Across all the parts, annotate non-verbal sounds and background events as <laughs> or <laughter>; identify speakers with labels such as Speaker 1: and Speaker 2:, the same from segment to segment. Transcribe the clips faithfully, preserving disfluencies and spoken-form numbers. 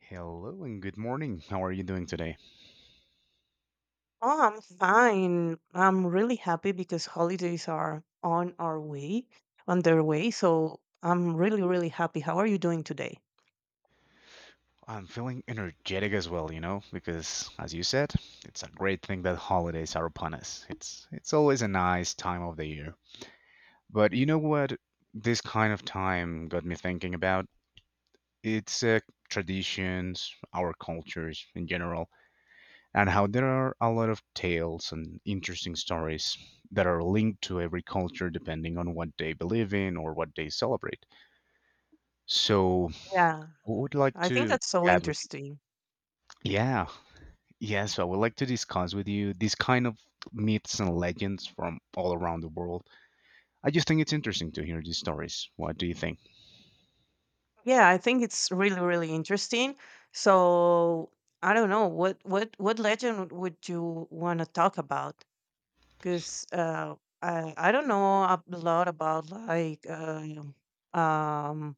Speaker 1: Hello and good morning. How are you doing today?
Speaker 2: Oh, I'm fine. I'm really happy because holidays are on our way, on their way. So I'm really, really happy. How are you doing today?
Speaker 1: I'm feeling energetic as well, you know, because as you said, it's a great thing that holidays are upon us. It's it's always a nice time of the year. But you know what this kind of time got me thinking about? It's uh, traditions, our cultures in general, and how there are a lot of tales and interesting stories that are linked to every culture depending on what they believe in or what they celebrate. So,
Speaker 2: Yeah,
Speaker 1: I would like
Speaker 2: I think
Speaker 1: to
Speaker 2: that's so
Speaker 1: chat with.
Speaker 2: interesting.
Speaker 1: Yeah. Yeah. So I would like to discuss with you these kind of myths and legends from all around the world. I just think it's interesting to hear these stories. What do you think?
Speaker 2: Yeah, I think it's really, really interesting. So I don't know what what what legend would you want to talk about? Because uh, I I don't know a lot about like uh, um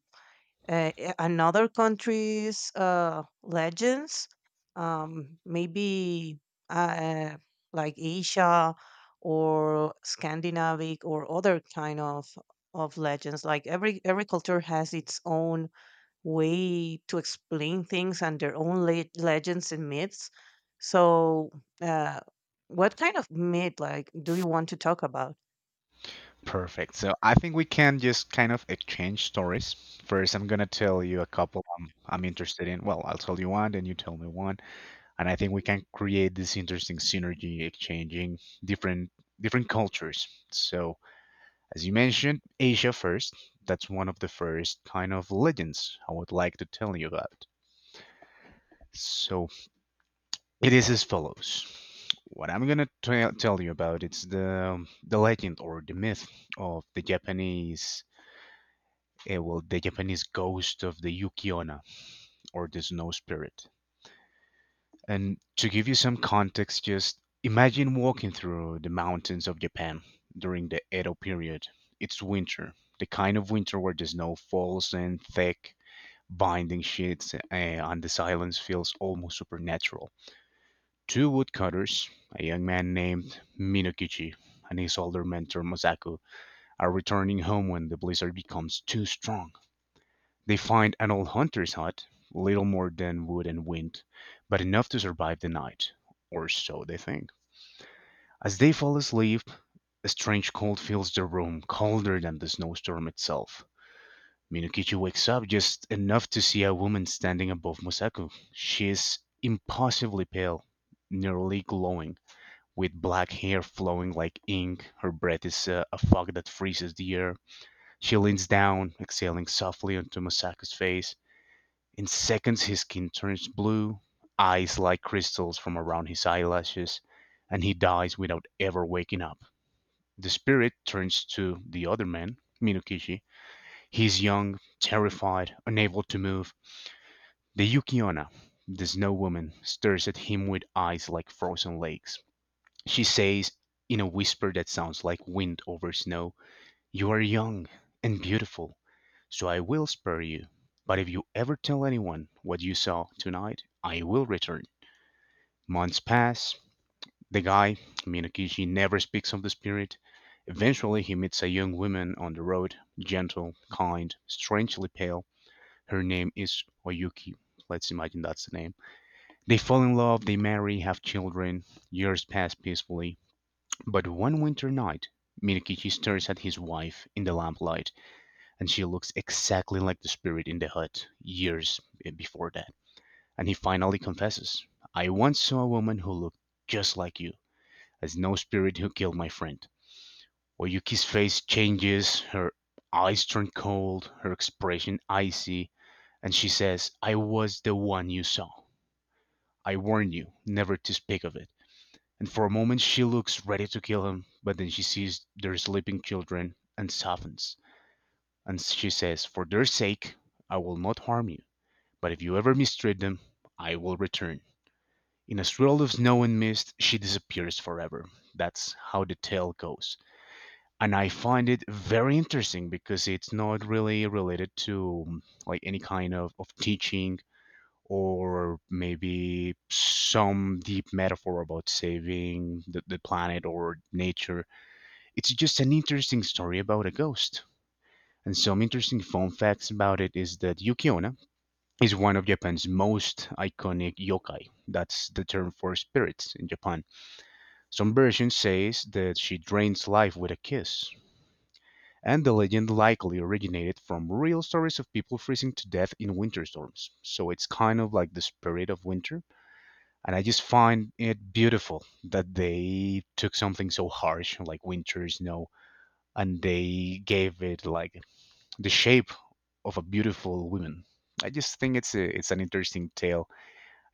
Speaker 2: uh, uh, another country's uh legends. Um, maybe uh like Asia or Scandinavic or other kind of of legends. Like every every culture has its own way to explain things and their own le- legends and myths. So, uh, what kind of myth like do you want to talk about?
Speaker 1: Perfect. So I think we can just kind of exchange stories. First, I'm going to tell you a couple I'm, I'm interested in. Well, I'll tell you one, then you tell me one. And I think we can create this interesting synergy exchanging different different cultures. So, as you mentioned, Asia first. That's one of the first kind of legends I would like to tell you about. So it is as follows. What I'm gonna tell tell you about it's the the legend or the myth of the Japanese, uh, well, the Japanese ghost of the Yukiona or the snow spirit. And to give you some context, just imagine walking through the mountains of Japan during the Edo period. It's winter, the kind of winter where the snow falls in thick, binding sheets, uh, and the silence feels almost supernatural. Two woodcutters, a young man named Minokichi and his older mentor Masaku, are returning home when the blizzard becomes too strong. They find an old hunter's hut, little more than wood and wind, but enough to survive the night, or so they think. As they fall asleep, a strange cold fills the room, colder than the snowstorm itself. Minokichi wakes up just enough to see a woman standing above Masaku. She is impossibly pale, nearly glowing with black hair flowing like ink. Her breath is uh, a fog that freezes the air. She leans down, exhaling softly onto Masaka's face. In seconds, his skin turns blue, eyes like crystals from around his eyelashes, and he dies without ever waking up. The spirit turns to the other man, Minokishi. He's young, terrified, unable to move. The Yukiona, the snow woman, stares at him with eyes like frozen lakes. She says, in a whisper that sounds like wind over snow, "You are young and beautiful, so I will spare you. But if you ever tell anyone what you saw tonight, I will return." Months pass. The guy, Minokichi, never speaks of the spirit. Eventually, he meets a young woman on the road, gentle, kind, strangely pale. Her name is Oyuki. Let's imagine that's the name. They fall in love, they marry, have children. Years pass peacefully. But one winter night Minokichi stares at his wife in the lamplight, and she looks exactly like the spirit in the hut years eh, before that. And he finally confesses, "I once saw a woman who looked just like you, as no spirit who killed my friend." Oyuki's face changes, her eyes turn cold, her expression icy, and she says, "I was the one you saw. I warn you never to speak of it." And for a moment she looks ready to kill him, but then she sees their sleeping children and softens. And she says, "For their sake, I will not harm you, but if you ever mistreat them, I will return." In a swirl of snow and mist, she disappears forever. That's how the tale goes. And I find it very interesting because it's not really related to um, like any kind of, of teaching or maybe some deep metaphor about saving the, the planet or nature. It's just an interesting story about a ghost. And some interesting fun facts about it is that Yukiona is one of Japan's most iconic yokai. That's the term for spirits in Japan. Some versions says that she drains life with a kiss. And the legend likely originated from real stories of people freezing to death in winter storms. So it's kind of like the spirit of winter. And I just find it beautiful that they took something so harsh like winter, snow, and they gave it like the shape of a beautiful woman. I just think it's a, it's an interesting tale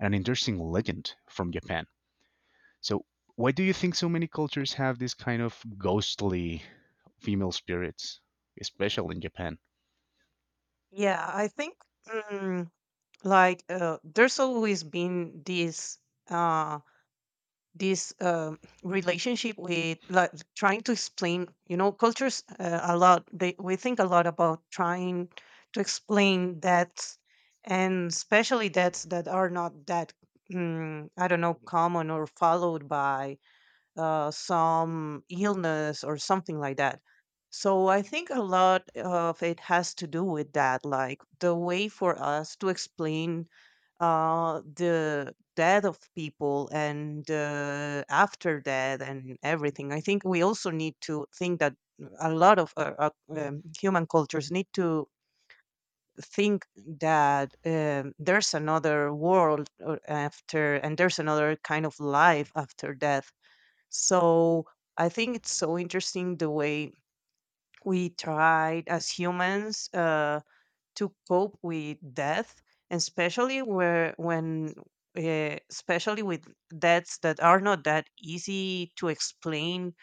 Speaker 1: and an interesting legend from Japan. So, why do you think so many cultures have this kind of ghostly female spirits, especially in Japan?
Speaker 2: Yeah, I think mm, like uh, there's always been this. Uh, this um relationship with like trying to explain you know cultures uh, a lot they we think a lot about trying to explain that, and especially debts that are not that mm, I don't know common or followed by uh, some illness or something like that. So I think a lot of it has to do with that, like the way for us to explain uh, the death of people and uh, after death and everything. I think we also need to think that a lot of uh, uh, um, human cultures need to think that um, there's another world or after, and there's another kind of life after death. So I think it's so interesting the way we tried as humans. Uh, to cope with death, and especially where when uh, especially with deaths that are not that easy to explain.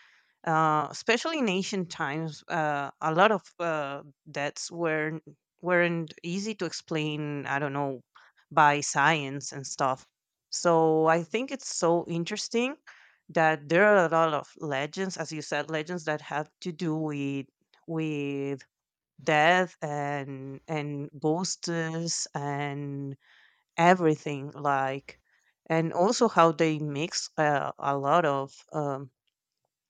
Speaker 2: Uh, especially in ancient times, uh, a lot of uh, deaths were weren't easy to explain. I don't know, by science and stuff. So I think it's so interesting that there are a lot of legends, as you said, legends that have to do with with death and and ghosts and everything like, and also how they mix uh, a lot of um,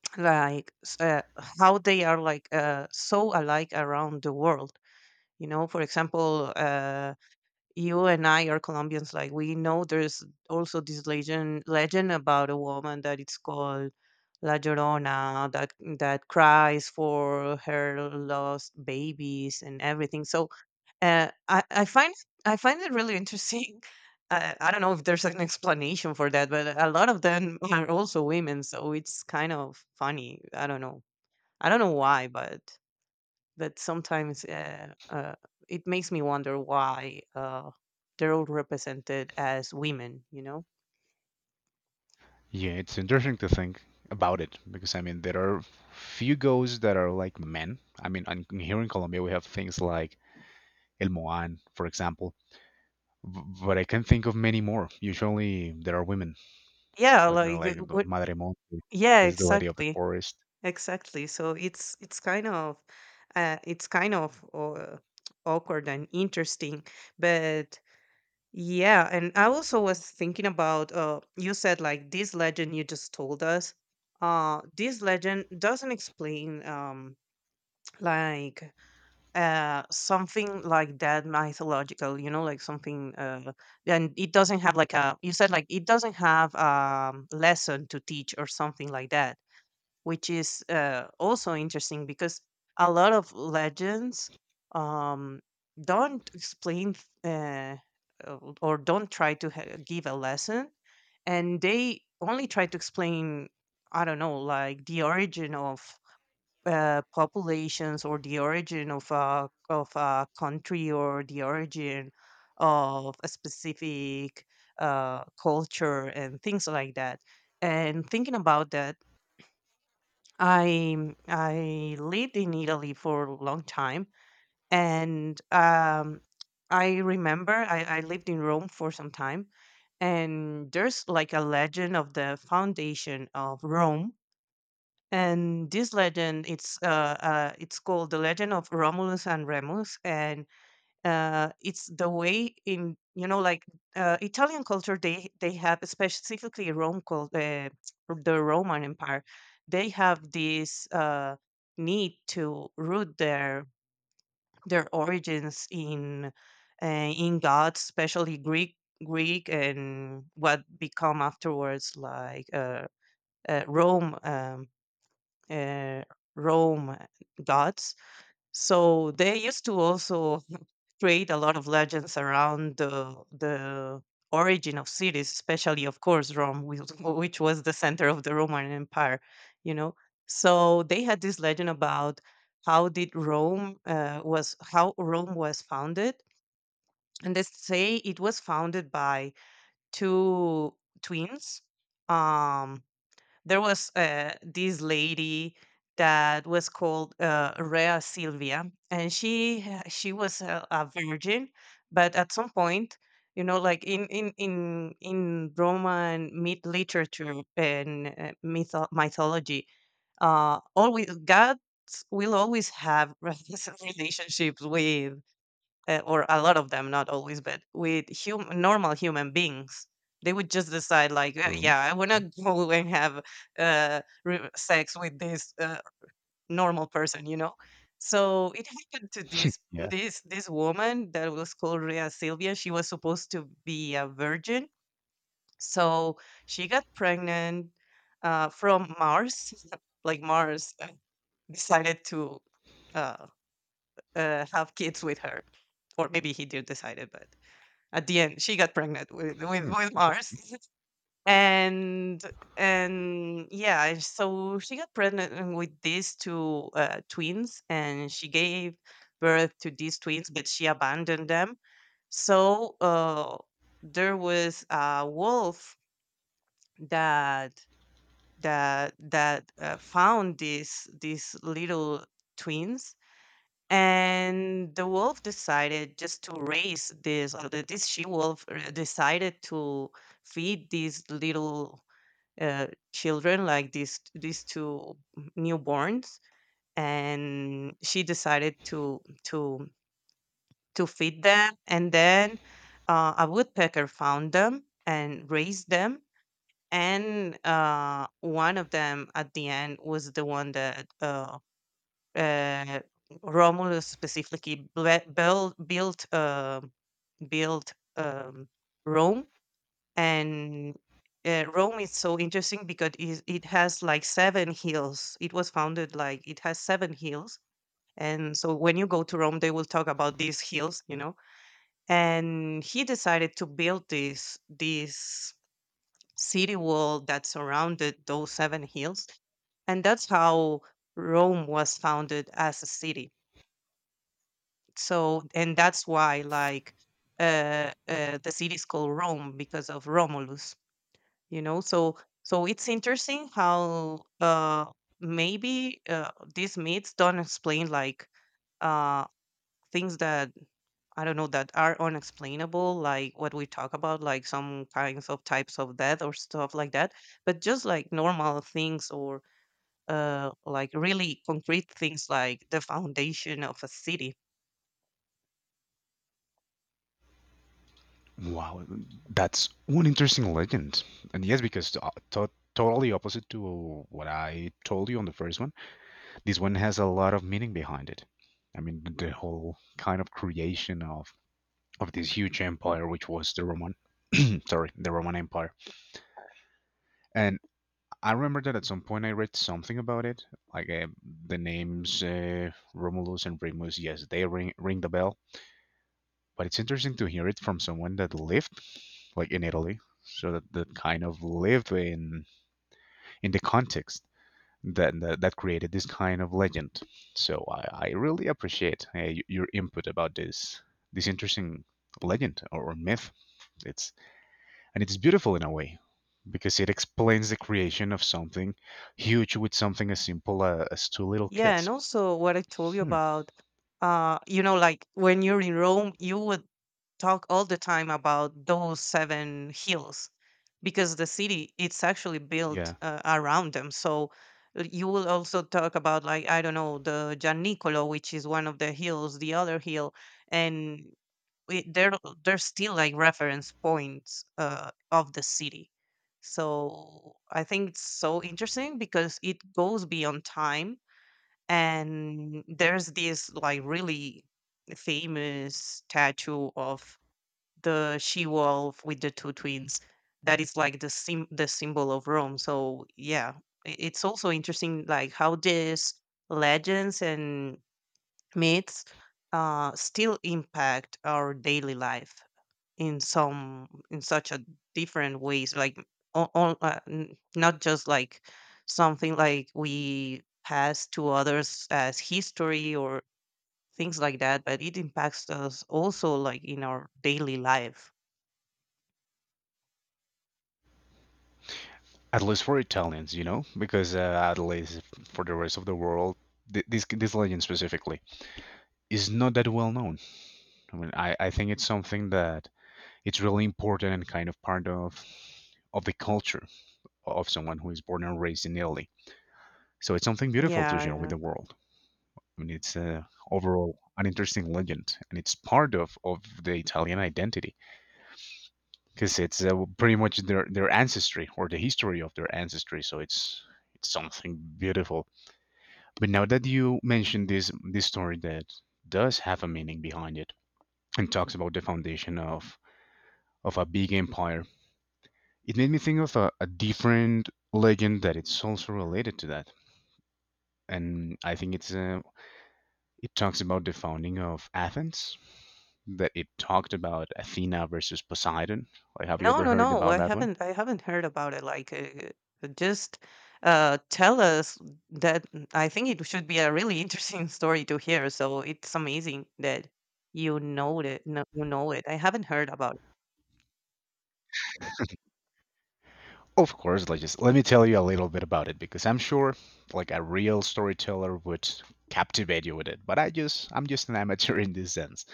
Speaker 2: <sniffs> like s- uh, how they are like uh, so alike around the world. You know, for example, uh, you and I are Colombians. Like we know, there's also this legend legend about a woman that it's called La Llorona that that cries for her lost babies and everything. So uh, I I find I find it really interesting. <laughs> I, I don't know if there's an explanation for that, but a lot of them <laughs> are also women, so it's kind of funny. I don't know. I don't know why, but that sometimes uh, uh, it makes me wonder why uh, they're all represented as women, you know?
Speaker 1: Yeah, it's interesting to think about it because I mean there are few ghosts that are like men. I mean, and here in Colombia we have things like El Moan, for example. B- But I can think of many more. Usually there are women,
Speaker 2: Yeah,
Speaker 1: like you know,
Speaker 2: like uh,
Speaker 1: like the
Speaker 2: what?
Speaker 1: Madre Monte
Speaker 2: Yeah,
Speaker 1: is the lady of the
Speaker 2: exactly,
Speaker 1: forest.
Speaker 2: exactly. So it's it's kind of uh, it's kind of uh, awkward and interesting, but yeah. And I also was thinking about uh you said like this legend you just told us. Uh this legend doesn't explain um <tsk> like uh something like that mythological, you know, like something uh, and it doesn't have like a, you said, like it doesn't have um lesson to teach or something like that, which is uh, also interesting because a lot of legends um, don't explain uh, uh, or don't try to ha- give a lesson, and they only try to explain, I don't know, like the origin of uh, populations, or the origin of a of a country, or the origin of a specific uh, culture and things like that. And thinking about that, I I lived in Italy for a long time, and um, I remember I, I lived in Rome for some time, and there's like a legend of the foundation of Rome, and this legend it's uh, uh it's called the legend of Romulus and Remus, and uh, it's the way in, you know, like uh, Italian culture, they they have specifically Rome called uh, the Roman Empire. They have this uh, need to root their their origins in uh, in gods, especially Greek Greek and what become afterwards like uh, uh, Rome um, uh, Rome gods. So they used to also <laughs> create a lot of legends around the the origin of cities, especially of course Rome, which <laughs> which was the center of the Roman Empire. You know, so they had this legend about how did Rome uh, was how Rome was founded, and they say it was founded by two twins. Um, there was uh, this lady that was called uh, Rea Silvia, and she ha- she was a, a virgin, but at some point, you know, like in in in in Roman myth literature and uh, mytho- mythology, uh, always gods will always have <laughs> relationships with uh, or a lot of them, not always, but with hum- normal human beings, they would just decide, like, "Uh,
Speaker 1: True.
Speaker 2: yeah, I want to <laughs> go and have uh, re- sex with this uh, normal person, you know. So it happened to this
Speaker 1: Yeah.
Speaker 2: this this woman that was called Rhea Silvia. She was supposed to be a virgin, so she got pregnant uh, from Mars. <laughs> Like Mars uh, decided to uh, uh, have kids with her, or maybe he did decide it, but at the end, she got pregnant with with,
Speaker 1: Hmm.
Speaker 2: with Mars,
Speaker 1: Interest.
Speaker 2: <laughs> and and yeah, so she got pregnant uh, with these two uh, twins, and she gave birth to these twins, but she abandoned them. So uh, there was a wolf that that that uh, found these these little twins, and the wolf decided just to raise this, or the, this she wolf uh, decided to feed these little uh, children, like these these two newborns, and she decided to to to feed them, and then uh, a woodpecker found them and raised them. And uh, one of them at the end was the one that uh, uh, Romulus specifically ble build built, um, built, um, Rome, and, uh, Rome is so interesting because is it has, like, seven hills. It was founded, like it has seven hills, and so when you go to Rome, they will talk about these hills, you know? And he decided to build this this city wall that surrounded those seven hills, and that's how Rome was founded as a city. So, and that's why like uh, uh the city is called Rome because of Romulus, you know. So so it's interesting how uh maybe uh, these myths don't explain like uh things that I don't know that are unexplainable, like what we talk about, like some kinds of types of death or stuff like that, but just like normal things, or uh, like really concrete things like the foundation of a city.
Speaker 1: Wow, that's one interesting legend. And yes, because uh, to totally opposite to what I told you on the first one, this one has a lot of meaning behind it. I mean, the the whole kind of creation of of this huge empire, which was the Roman, <clears throat> sorry, the Roman Empire. And I remember that at some point I read something about it, like uh, the names uh, Romulus and Remus. Yes, they ring ring the bell, but it's interesting to hear it from someone that lived like in Italy, so that, that kind of lived in in the context that that, that created this kind of legend. So I, I really appreciate uh, y- your input about this this interesting legend or, or myth. It's and it's beautiful in a way because it explains the creation of something huge with something as simple uh, as two little
Speaker 2: Yeah, and
Speaker 1: kids.
Speaker 2: also what I told you
Speaker 1: Hmm.
Speaker 2: about, uh, you know, like when you're in Rome, you would talk all the time about those seven hills, because the city it's actually built
Speaker 1: Yeah.
Speaker 2: uh, around them. So uh, you will also talk about, like, I don't know, the giannicolo, which is one of the hills, the other hill, and it, they're they're still like reference points uh, of the city. So I think it's so interesting because it goes beyond time, and there's this like really famous statue of the she wolf with the two twins that is like the sim- the symbol of Rome. So yeah, i- it's also interesting like how these legends and myths uh, still impact our daily life in some, in such a different ways. Like on, uh, n- not just like something like we pass to others as history or things like that, but it impacts us also like in our daily life.
Speaker 1: At least for Italians, you know, because uh, at least for the rest of the world, th- this this legend specifically is not that well known. I mean, I, I think it's something that it's really important and kind of part of of the culture of someone who is born and raised in Italy. So it's something beautiful to
Speaker 2: Yeah,
Speaker 1: share with
Speaker 2: yeah.
Speaker 1: the world. I mean, it's uh, overall an interesting legend, and it's part of, of the Italian identity because it's uh, pretty much their, their ancestry or the history of their ancestry. So it's it's something beautiful. But now that you mentioned this this story that does have a meaning behind it and talks about the foundation of of a big empire, it made me think of a, a different legend that it's also related to that. And I think it's uh, it talks about the founding of Athens, that it talked about Athena versus Poseidon. Like, have you
Speaker 2: No,
Speaker 1: ever
Speaker 2: no,
Speaker 1: heard
Speaker 2: no.
Speaker 1: about
Speaker 2: I
Speaker 1: that one?
Speaker 2: haven't. I haven't heard about it. Like, uh, uh, just uh, tell us that. Mm, I think it should be a really <laughs> interesting story to hear. So it's amazing that you know it. No, you know it. I haven't heard about it.
Speaker 1: Of course, like just let me tell you a little bit about it because I'm sure like a real storyteller would captivate you with it. But I just I'm just an amateur in this sense.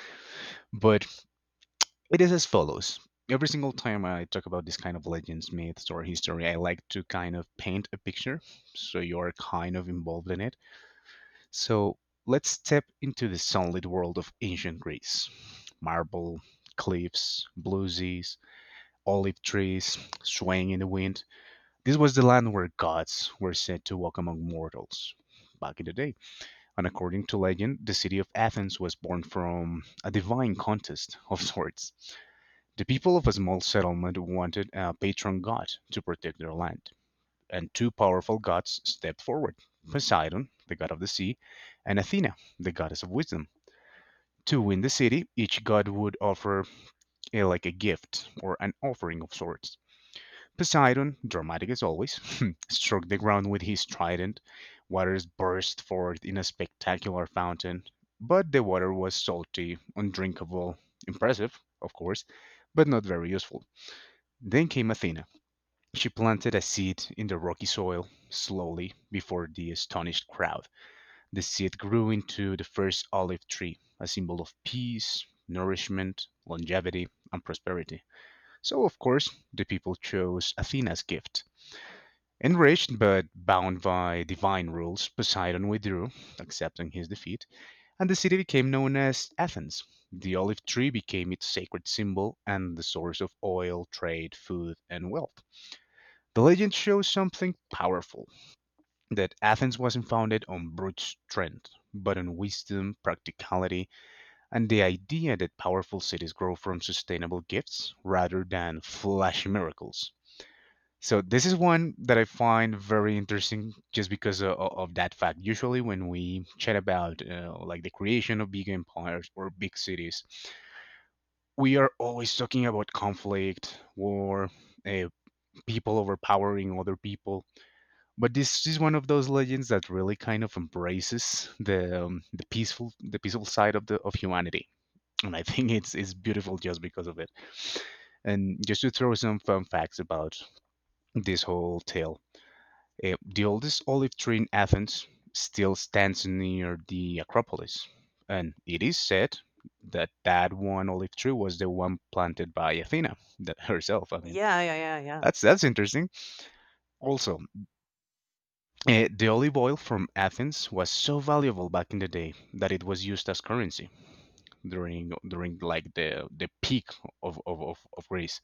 Speaker 1: But it is as follows. Every single time I talk about this kind of legends, myths, or history, I like to kind of paint a picture so you're kind of involved in it. So let's step into the sunlit world of ancient Greece: marble, cliffs, blue seas, olive trees swaying in the wind. This was the land where gods were said to walk among mortals back in the day. And according to legend, the city of Athens was born from a divine contest of sorts. The people of a small settlement wanted a patron god to protect their land, and two powerful gods stepped forward: Poseidon, the god of the sea, and Athena, the goddess of wisdom. To win the city, each god would offer eh, like a gift or an offering of sorts. Poseidon, dramatic as always, <laughs> struck the ground with his trident. Waters burst forth in a spectacular fountain, but the water was salty, undrinkable, impressive, of course, but not very useful. Then came Athena. She planted a seed in the rocky soil, slowly, before the astonished crowd. The seed grew into the first olive tree, a symbol of peace, nourishment, longevity, and prosperity. So, of course, the people chose Athena's gift. Enraged but bound by divine rules, Poseidon withdrew, accepting his defeat, and the city became known as Athens. The olive tree became its sacred symbol and the source of oil, trade, food, and wealth. The legend shows something powerful: that Athens wasn't founded on brute strength, but on wisdom, practicality, and the idea that powerful cities grow from sustainable gifts rather than flashy miracles. So, this is one that I find very interesting just because of, of that fact. Usually, when we chat about uh, like the creation of big empires or big cities, we are always talking about conflict, war, uh, people overpowering other people. But this is one of those legends that really kind of embraces the um, the peaceful the peaceful side of the of humanity, and I think it's it's beautiful just because of it. And just to throw some fun facts about this whole tale, eh, the oldest olive tree in Athens still stands near the Acropolis, and it is said that that one olive tree was the one planted by Athena that herself. I mean,
Speaker 2: Yeah, yeah, yeah, yeah.
Speaker 1: that's that's interesting. Also, Eh, the olive oil from Athens was so valuable back in the day that it was used as currency during during like the the peak of of, of, of Greece.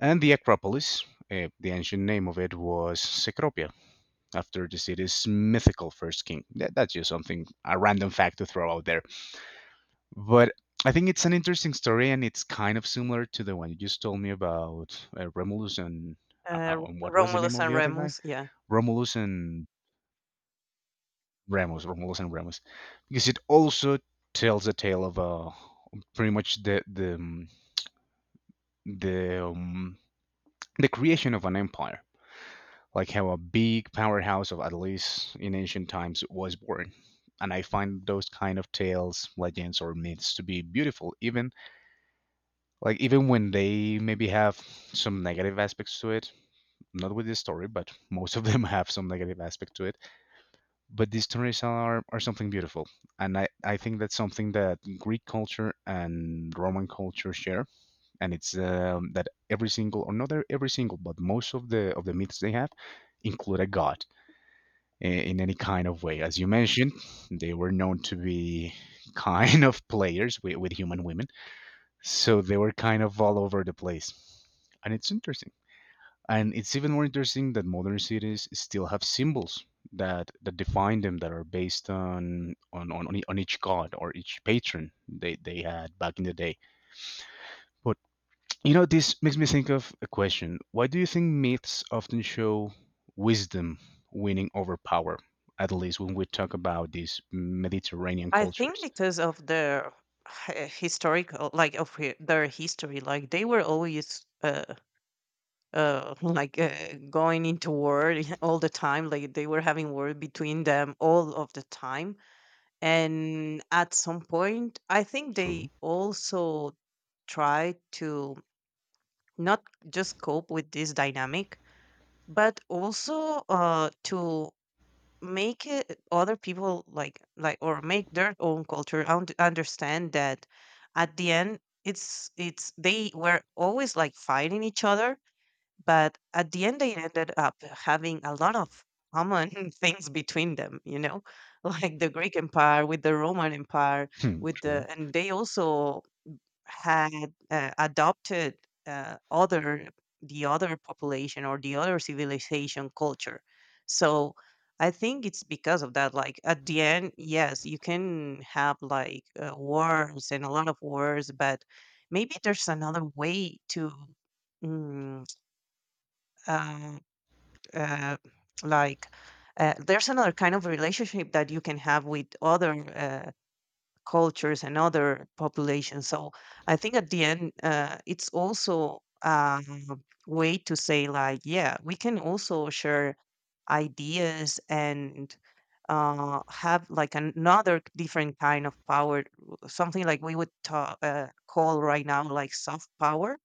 Speaker 1: And the Acropolis, eh, the ancient name of it was Cecropia, after the city's mythical first king. That, that's just something a random fact to throw out there. But I think it's an interesting story, and it's kind of similar to the one you just told me about uh, Romulus and. Uh, uh,
Speaker 2: Uh,
Speaker 1: what was the name
Speaker 2: Romulus
Speaker 1: of the
Speaker 2: and
Speaker 1: other guy?
Speaker 2: Remus. Yeah,
Speaker 1: Romulus and Ramos, Romulus and Remus, because it also tells the tale of uh, pretty much the the um, the um, the creation of an empire, like how a big powerhouse of at least in ancient times was born. And I find those kind of tales, legends, or myths to be beautiful, even like even when they maybe have some negative aspects to it. Not with this story, but most of them <laughs> have some negative aspect to it. But these stories are, are something beautiful, and I, I think that's something that Greek culture and Roman culture share, and it's um, that every single, or not every single, but most of the of the myths they have include a god i- in any kind of way. As you mentioned, they were known to be <laughs> kind of players with, with human women, so they were kind of all over the place. And it's interesting, and it's even more interesting that modern cities still have symbols that that define them, that are based on on on, on e, on each god or each patron they they had back in the day. But you know, this makes me think of a question. Why do you think myths often show wisdom winning over power? At least when we talk about these Mediterranean
Speaker 2: I think
Speaker 1: cultures.
Speaker 2: because of their h- historical, like of hi- their history, like they were always. Uh, uh <laughs> like uh, going into war <laughs> all the time, like they were having war between them all of the time, and at some point I think
Speaker 1: True.
Speaker 2: they also try to not just cope with this dynamic, but also uh to make it, other people like like or make their own culture und- understand that at the end it's it's they were always like fighting each other, but at the end, they ended up having a lot of common <laughs> things between them, you know, <laughs> like the Greek Empire with the Roman Empire,
Speaker 1: Hmm,
Speaker 2: with
Speaker 1: true.
Speaker 2: the, and they also had uh, adopted uh, other, the other population or the other civilization culture. So I think it's because of that. Like at the end, yes, you can have like uh, wars and a lot of wars, but maybe there's another way to mm, uh, uh, like uh, there's another kind of relationship that you can have with other uh, cultures and other populations. So I think at the end, uh, it's also a way to say like, yeah, we can also share ideas and uh, have like another different kind of power, something like we would ta- uh, call right now like soft power.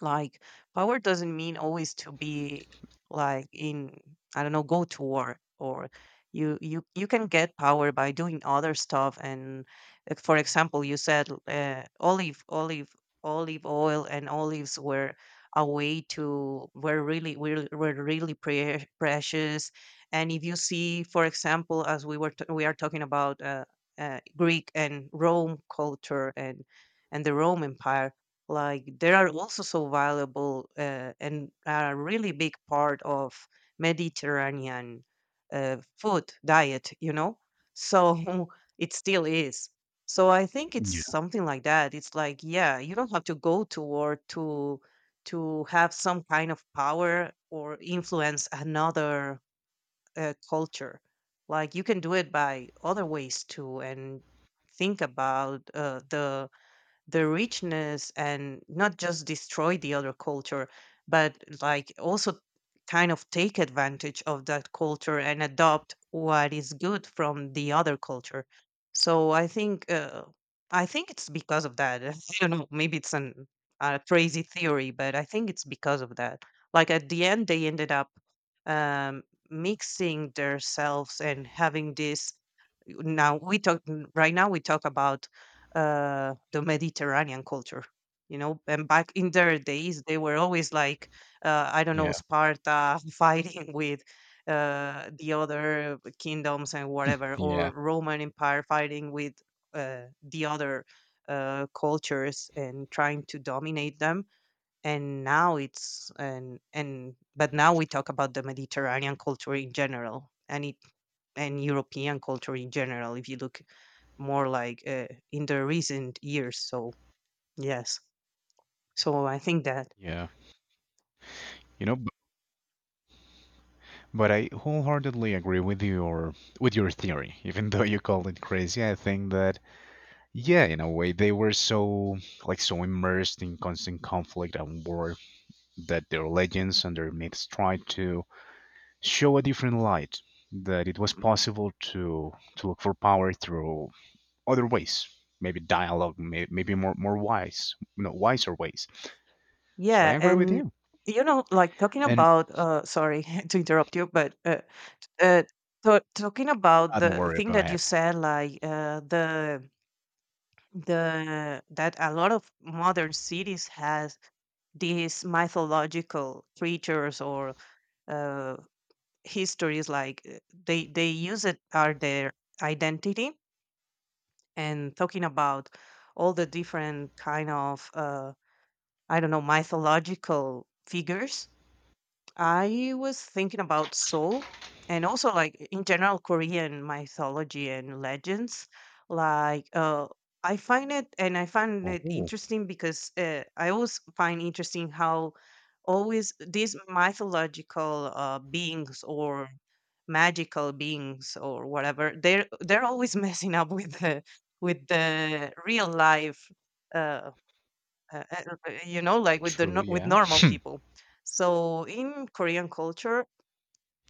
Speaker 2: Like power doesn't mean always to be like in, I don't know, go to war, or you you you can get power by doing other stuff. And like, for example, you said uh, olive olive olive oil and olives were a way to, were really were, were really pre- precious. And if you see, for example, as we were t- we are talking about uh, uh, Greek and Rome culture, and and the Rome Empire, like they are also so valuable uh, and are a really big part of Mediterranean uh, food diet, you know? So <laughs> it still is. So I think it's
Speaker 1: Yeah.
Speaker 2: something like that. It's like, yeah, you don't have to go to war to to have some kind of power or influence another uh, culture. Like you can do it by other ways too. And think about uh, the the richness, and not just destroy the other culture, but like also kind of take advantage of that culture and adopt what is good from the other culture. So i think uh, i think it's because of that. <laughs> I don't know, maybe it's an, a crazy theory, but I think it's because of that. Like at the end they ended up um, mixing themselves and having this, now we talk right now we talk about uh, the Mediterranean culture. You know, and back in their days, they were always like, uh, I don't
Speaker 1: Yeah.
Speaker 2: know, Sparta <laughs> fighting with uh, the other kingdoms and whatever,
Speaker 1: Yeah.
Speaker 2: or Roman Empire fighting with uh, the other uh, cultures and trying to dominate them. And now it's and and but now we talk about the mediterranean culture in general, and it and european culture in general, if you look more like uh, in the recent years. So yes, so I think that.
Speaker 1: Yeah. You know, but I wholeheartedly agree with your with your theory. Even though you called it crazy, I think that yeah, in a way they were so like so immersed in constant conflict and war that their legends and their myths tried to show a different light, that it was possible to to look for power through other ways, maybe dialogue, may, maybe more more wise, no wiser ways. So I
Speaker 2: Yeah.
Speaker 1: agree with
Speaker 2: And
Speaker 1: you.
Speaker 2: you know, like talking
Speaker 1: And
Speaker 2: about uh sorry <laughs> to interrupt you, but uh, uh to- talking about
Speaker 1: uh, don't
Speaker 2: the
Speaker 1: worry,
Speaker 2: thing
Speaker 1: go
Speaker 2: that you
Speaker 1: ahead.
Speaker 2: said, like uh the the that a lot of modern cities has these mythological creatures or uh, histories, like uh, they they use it, are their identity. And talking about all the different kind of uh, I don't know, mythological figures, I was thinking about Seoul, and also like in general Korean mythology and legends. Like uh I find it, and I find it
Speaker 1: Oh,
Speaker 2: interesting because uh, I always find interesting how always these mythological uh, beings or magical beings or whatever, they're they're always <laughs> messing up with the with the real life, uh, uh, uh, uh, uh, you know, like with the
Speaker 1: true,
Speaker 2: no- with
Speaker 1: yeah,
Speaker 2: normal people. So in Korean culture,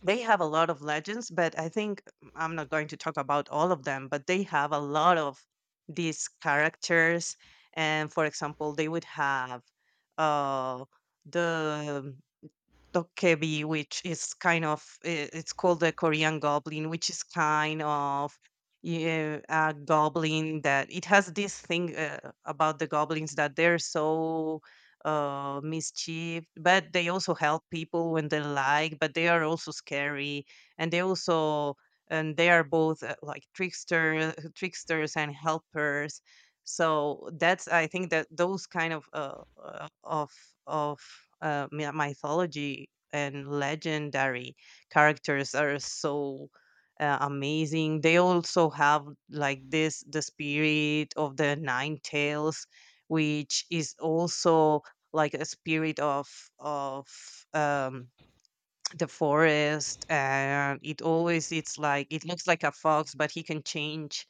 Speaker 2: they have a lot of legends, but I think, mm, I'm not going to talk about all of them. But they have a lot of these characters, and for example, they would have uh, the Dokebi, which is kind of, i- it's called the Korean goblin, which is kind of, yeah, a goblin, that it has this thing uh, about the goblins, that they're so uh mischief, but they also help people when they like, but they are also scary. And they also, and they are both uh, like trickster tricksters and helpers. So that's, I think that those kind of uh, uh, of of uh, my- mythology and legendary characters are so uh, amazing. They also have like this, the spirit of the nine tails, which is also like a spirit of of um the forest, and it always, it's like it looks like a fox but he can change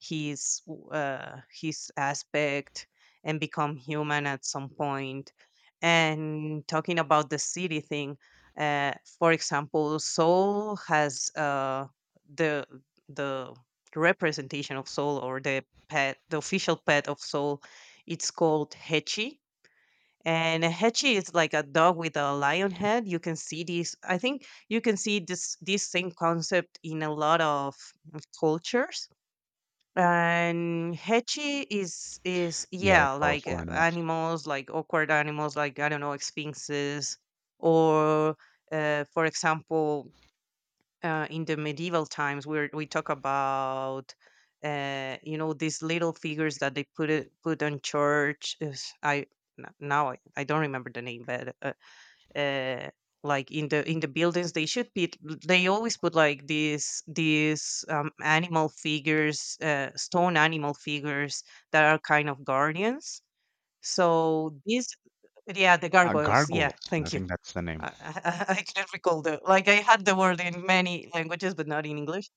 Speaker 2: his w- uh his aspect and become human at some point point. And talking about the city thing, uh for example soul has uh the the representation of soul, or the pet, the official pet of soul. It's called hechi. And Hechi is like a dog with a lion head. You can see this. I think you can see this this same concept in a lot of cultures. And Hechi is is
Speaker 1: yeah, like
Speaker 2: yeah, like
Speaker 1: powerful
Speaker 2: uh,
Speaker 1: animals.
Speaker 2: animals, like awkward animals, like I don't know, sphinxes, or uh, for example, uh, in the medieval times where we talk about uh, you know, these little figures that they put it put on church, is- I n- now I I don't remember the name, but uh, uh, like in the in the buildings they should be, they always put like these these um, animal figures, uh, stone animal figures that are kind of guardians. So these, yeah, the
Speaker 1: Uh,
Speaker 2: gargoyles, yeah,
Speaker 1: gargoyles. I
Speaker 2: thank you.
Speaker 1: think that's the name.
Speaker 2: I I <laughs> I couldn't recall the, like I had the word in many languages, but not in English.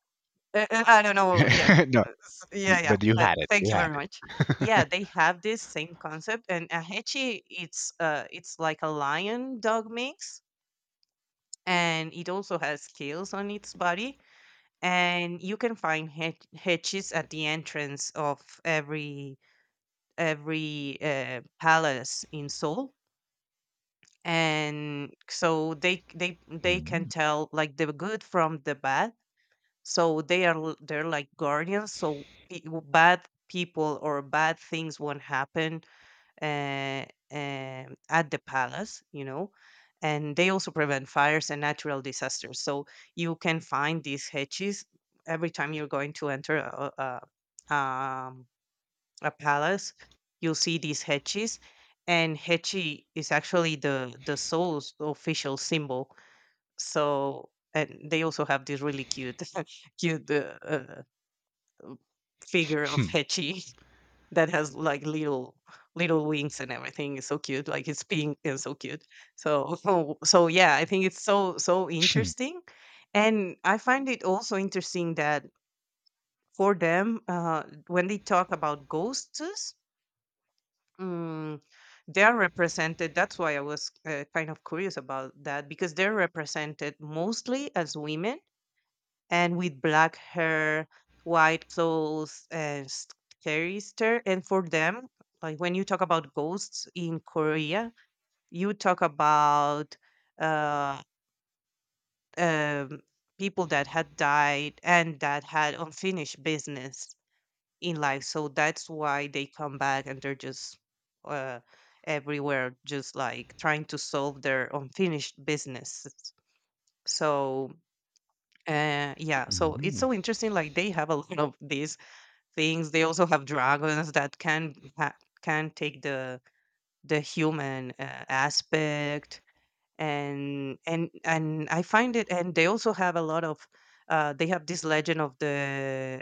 Speaker 2: Uh, uh, I don't know. Yeah,
Speaker 1: <laughs> No,
Speaker 2: uh, S-
Speaker 1: y-
Speaker 2: yeah, yeah.
Speaker 1: but you
Speaker 2: But
Speaker 1: had it.
Speaker 2: thank
Speaker 1: You
Speaker 2: you
Speaker 1: had
Speaker 2: very
Speaker 1: it.
Speaker 2: much. Yeah, they have this same concept, and ahechi, it's uh it's like a lion dog mix, and it also has scales on its body, and you can find hech- hechis at the entrance of every every uh, palace in Seoul. And so they they they can
Speaker 1: Mm.
Speaker 2: tell like the good from the bad. So they are l- they're like guardians, so pe- bad people or bad things won't happen, uh, um at the palace, you know. And they also prevent fires and natural disasters, so you can find these hedges every time you're going to enter a, a, a, um, a palace. You'll see these hechis, and hechi is actually the the soul's official symbol. So, and they also have this really cute, <laughs> cute uh, uh, figure of
Speaker 1: <clears throat>
Speaker 2: hechi <laughs> that has like little little wings and everything. It's so cute, like it's pink and so cute. So, <laughs> so, so yeah, I think it's so so interesting. And I find it also interesting that for them, uh, when they talk about ghosts. Mm, they're represented, that's why I was uh, kind of curious about that, because they're represented mostly as women, and with black hair, white clothes and scary stare. And for them, like when you talk about ghosts in korea, you talk about uh um, people that had died and that had unfinished business in life. So that's why they come back, and they're just uh, everywhere, just like trying to solve their unfinished business. So uh, yeah, so it's
Speaker 1: Mm.
Speaker 2: so
Speaker 1: <laughs>
Speaker 2: interesting. Like they have a <laughs> lot of these things. They also have dragons that can ha- can take the the human uh, aspect. And and and I find it. And they also have a lot of. Uh, they have this legend of the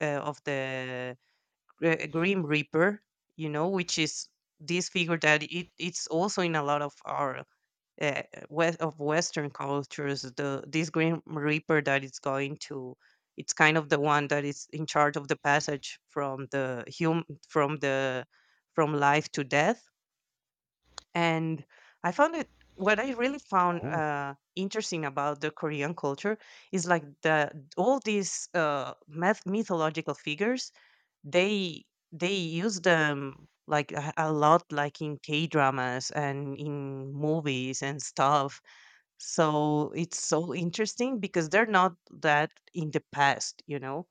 Speaker 2: uh, of the Gr- Grim Reaper, you know, which is this figure that it, it's also in a lot of our uh, west of Western cultures. The this Grim Reaper that is going to, it's kind of the one that is in charge of the passage from the hum from the from life to death. And I found it, what I really found
Speaker 1: Oh,
Speaker 2: uh, interesting about the Korean culture, is like the all these uh, myth mythological figures, they they use them like a a lot, like in K-dramas and in movies and stuff. So it's so interesting because they're not that in the past, you know?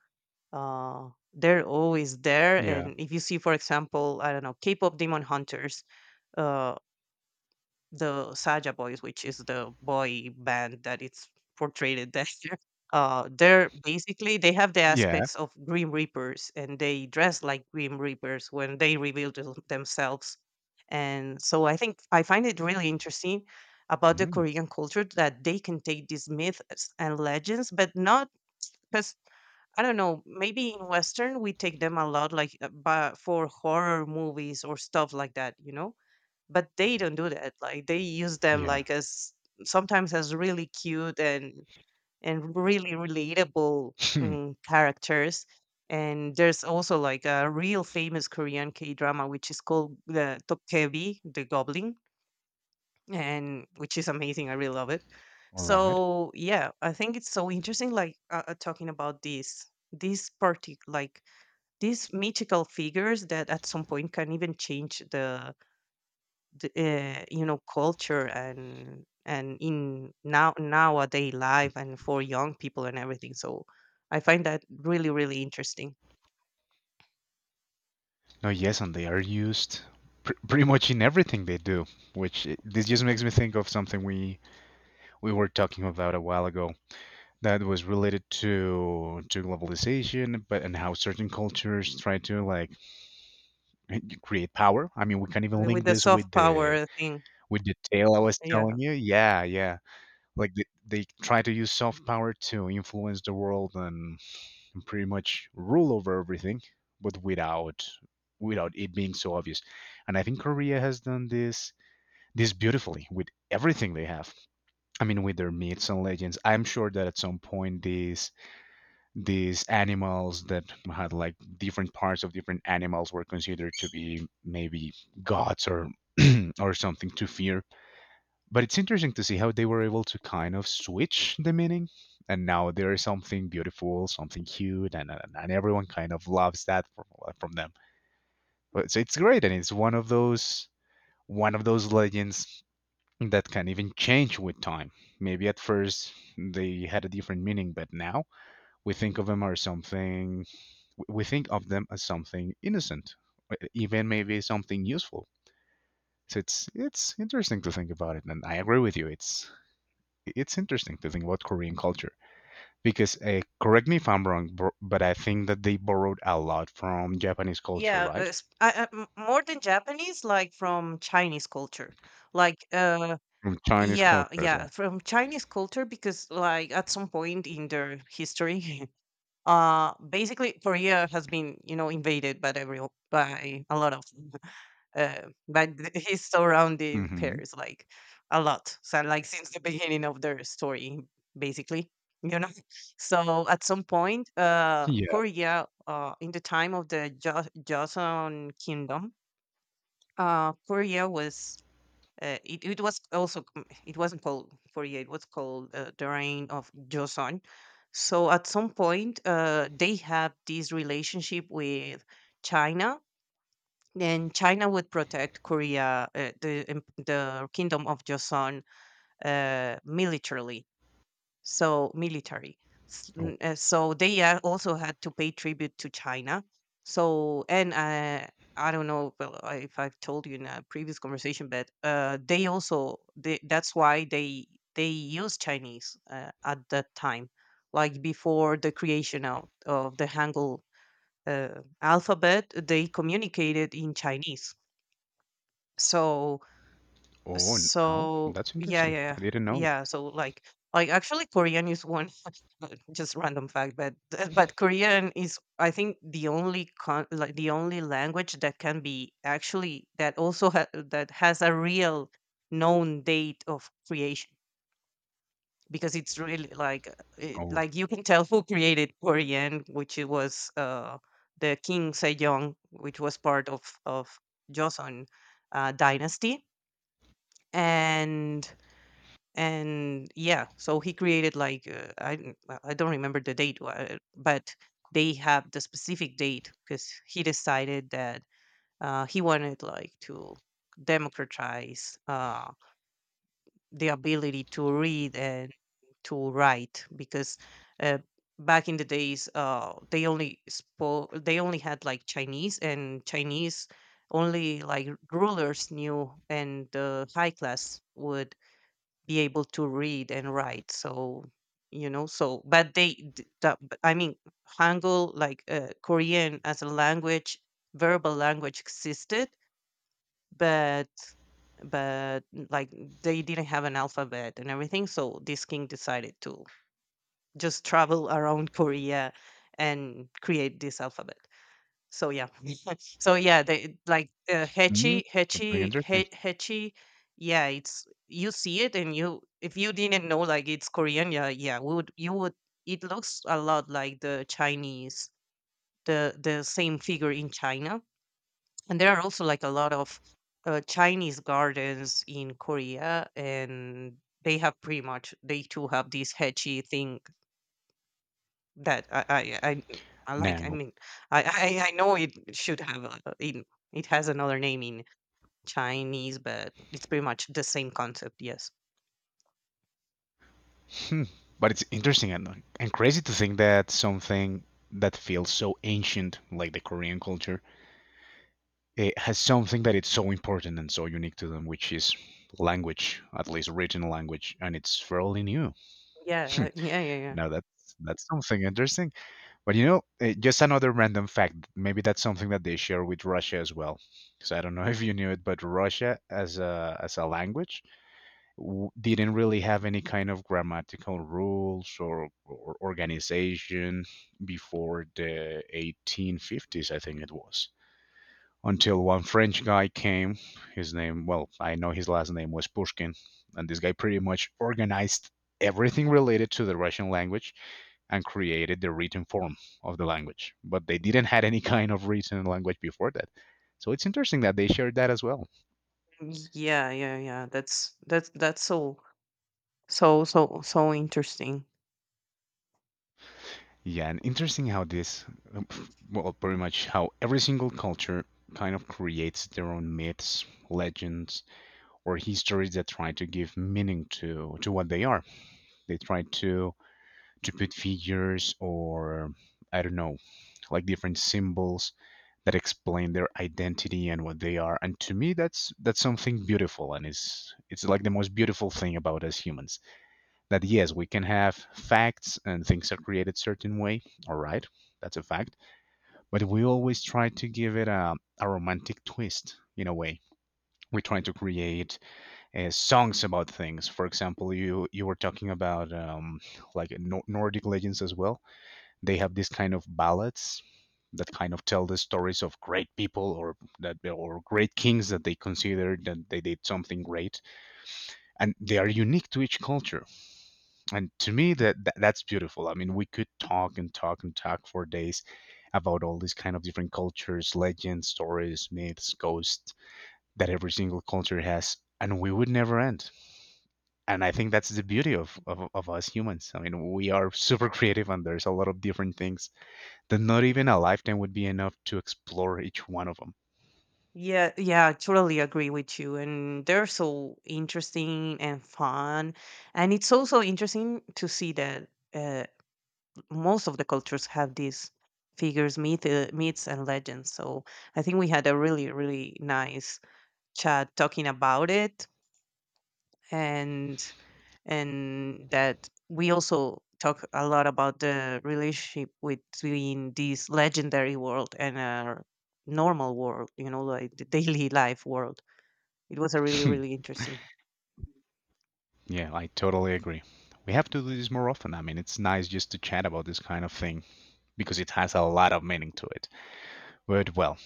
Speaker 2: Uh, they're always there.
Speaker 1: yeah,
Speaker 2: And if you see, for example, I don't know, K-pop Demon Hunters, uh, the Saja Boys, which is the boy band that it's portrayed there. <laughs> Uh, they're basically, they have the
Speaker 1: yeah,
Speaker 2: aspects of Grim Reapers, and they dress like Grim Reapers when they reveal them- themselves. And so I think I find it really interesting about the
Speaker 1: mm.
Speaker 2: Korean culture, that they can take these myths and legends, but not because, I don't know. Maybe in Western we take them a lot, like uh, but for horror movies or stuff like that, you know. But they don't do that, like they use them
Speaker 1: Yeah.
Speaker 2: like as sometimes as really cute and and really relatable,
Speaker 1: <laughs>
Speaker 2: mm, characters. And there's also like a real famous korean k drama, which is called the tokkebi, the goblin, and which is amazing, I really love it.
Speaker 1: All right.
Speaker 2: So yeah, I think it's so interesting, like uh, uh, talking about this, this party, like these mythical figures that at some point can even change the d- uh, you know, culture and and in now nowadays life and for young people and everything. So I find that really really interesting.
Speaker 1: No, yes, and they are used pr- pretty much in everything they do. Which I this just makes me think of something we we were talking about a while ago that was related to to globalization, but and how certain cultures try to like eh, create power. I mean, we can even
Speaker 2: The-
Speaker 1: link
Speaker 2: with the
Speaker 1: this with
Speaker 2: soft
Speaker 1: the
Speaker 2: power thing,
Speaker 1: With the tale I was
Speaker 2: yeah
Speaker 1: telling you? Yeah, yeah. Like, they they try to use soft power to influence the world and pretty much rule over everything, but without without it being so obvious. And I think Korea has done this this beautifully with everything they have. I mean, with their myths and legends. I'm sure that at some point these these animals that had like different parts of different animals were considered to be maybe gods or <clears throat> or something to fear, but it's interesting to see how they were able to kind of switch the meaning, and now there is something beautiful, something cute, and and, and everyone kind of loves that from from them. But so it's great, and it's one of those one of those legends that can even change with time. Maybe at first they had a different meaning, but now we think of them as something we think of them as something innocent, uh, even maybe something useful. So it's it's interesting to think about it, and I agree with you. It's it's interesting to think about Korean culture because, uh, correct me if I'm wrong, bro- but I think that they borrowed a lot from Japanese culture,
Speaker 2: yeah, uh,
Speaker 1: right?
Speaker 2: s- I- I- m- more than japanese, like from chinese culture, like uh
Speaker 1: From Chinese
Speaker 2: yeah,
Speaker 1: culture as well.
Speaker 2: yeah, from Chinese culture. Because like at some point in their history, <laughs> uh basically Korea has been, you know, invaded by every, by a lot of <laughs> uh by the- <laughs> his surrounding
Speaker 1: Hmm.
Speaker 2: pairs, like a lot. So like since the beginning of their story, basically, you know. <laughs> So at some point, uh
Speaker 1: Yeah.
Speaker 2: Korea, uh in the time of the jo- Joseon Kingdom, uh Korea was uh, it, it was also c- it wasn't called Fourier. It was called uh, the reign of Joseon. So at some point, uh, they have this relationship with China, and China would protect Korea, uh, the em- the kingdom of Joseon, uh, militarily, so military. S-
Speaker 1: Oh,
Speaker 2: n- uh, So they, uh, also had to pay tribute to China. So and uh, I don't know well, I- if I've told you in a previous conversation, but uh, they also they, that's why they they used Chinese uh, at that time, like before the creation of, of the Hangul uh, alphabet, they communicated in Chinese. So
Speaker 1: oh, now
Speaker 2: so
Speaker 1: that's
Speaker 2: yeah,
Speaker 1: interesting.
Speaker 2: yeah, yeah.
Speaker 1: I didn't know it.
Speaker 2: Yeah, So like, like actually, Korean is one <laughs> just random fact, but <laughs> but Korean is, I think, the only con like the only language that can be actually that also ha that has a real known date of creation, because it's really like uh, it,
Speaker 1: Oh,
Speaker 2: like you can tell who created Korean, which it was uh the King Sejong, which was part of of Joseon uh, dynasty, and and yeah, so he created like uh, I n- uh, I don't remember the date, uh, but they have the specific date because he decided that uh, he wanted like to democratize uh, the ability to read and to write, because uh, back in the days uh, they only spoke they only had like Chinese, and Chinese only like rulers knew, and the high class would be able to read and write. So, you know, so but they d- da- but I mean, Hangul like uh, Korean as a language, verbal language existed, but but like they didn't have an alphabet and everything, so this king decided to just travel around Korea and create this alphabet. So yeah, <laughs> so yeah, they like uh,
Speaker 1: mhm,
Speaker 2: hechi,
Speaker 1: something
Speaker 2: hechi,
Speaker 1: interesting.
Speaker 2: He- hechi. Yeah, it's, you see it, and you, if you didn't know like it's Korean, yeah, yeah, we would you would. It looks a lot like the Chinese, the the same figure in China, and there are also like a lot of uh, Chinese gardens in Korea, and they have pretty much, they too have this hechi thing that I I I I like, I
Speaker 1: Now,
Speaker 2: mean, I I I know it should have a in, it has another name in Chinese, but it's pretty much the same concept, yes.
Speaker 1: hmm, but it's interesting and and crazy to think that something that feels so ancient, like the Korean culture, eh, has something that it's so important and so unique to them, which is language, at least written language, and it's fairly new. <laughs> Hmm.
Speaker 2: Yeah, uh, yeah, yeah, yeah.
Speaker 1: Now that's that's something interesting. But you know, eh, just another random fact. Maybe that's something that they share with Russia as well. Because I don't know <laughs> if you knew it, but Russia as a as a language w- didn't really have any kind of grammatical rules or, or organization before the eighteen fifties. I think it was until one French guy came. His name, well, I know his last name was Pushkin, and this guy pretty much organized everything related to the Russian language and created the written form of the language. But they didn't had any <laughs> kind of written language before that. So it's interesting that they shared that as well.
Speaker 2: Yeah, yeah, yeah. That's that's that's so so so so interesting.
Speaker 1: Yeah, and interesting how this, well, pretty much how every single culture kind of creates their own myths, legends, or histories that try to give meaning to to what they are. They try to to put figures or I don't know, like different symbols that explain their identity and what they are. And to me, that's that's something beautiful, and it's it's like the most beautiful thing about us humans. That yes, we can have facts and things are created certain way. All right, that's a fact. But we always try to give it a a romantic twist in a way. We try to create uh, songs about things. For example, you you were talking about um, like Nor- Nordic legends as well. They have this kind of ballads that kind of tell the stories of great people or that or great kings that they consider that they did something great, and they are unique to each culture. And to me, that, that that's beautiful. I mean, we could talk and talk and talk for days about all these kind of different cultures, legends, stories, myths, ghosts that every single culture has, and we would never end. And I think that's the beauty of, of, of us humans. I mean, we are super creative, and there's a lot of different things that not even a lifetime would be enough to explore each one of
Speaker 2: Yeah, yeah, I totally agree with you. And they're so interesting and fun. And it's also interesting to see that uh most of the cultures have these figures, myth, uh, myths, and legends. So I think we had a really, really nice chat talking about it, and and that we also talk a lot about the relationship between this legendary world and our normal world. You know, like the daily life world. It was a really,
Speaker 1: them.
Speaker 2: really interesting.
Speaker 1: <laughs> Yeah, I totally agree. We have to do this more often. I mean, it's nice just to chat about this kind of thing because it has a lot of meaning to it. But well,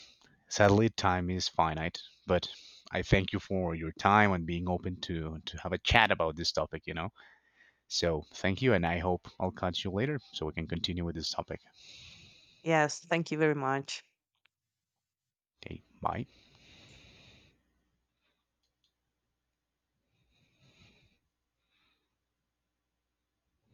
Speaker 1: sadly, time is finite. But I thank you for your time and being open to to have a chat about this topic. You know, so thank you, and I hope I'll catch you later so we can continue with this topic.
Speaker 2: Yes, thank you very much.
Speaker 1: Okay, bye.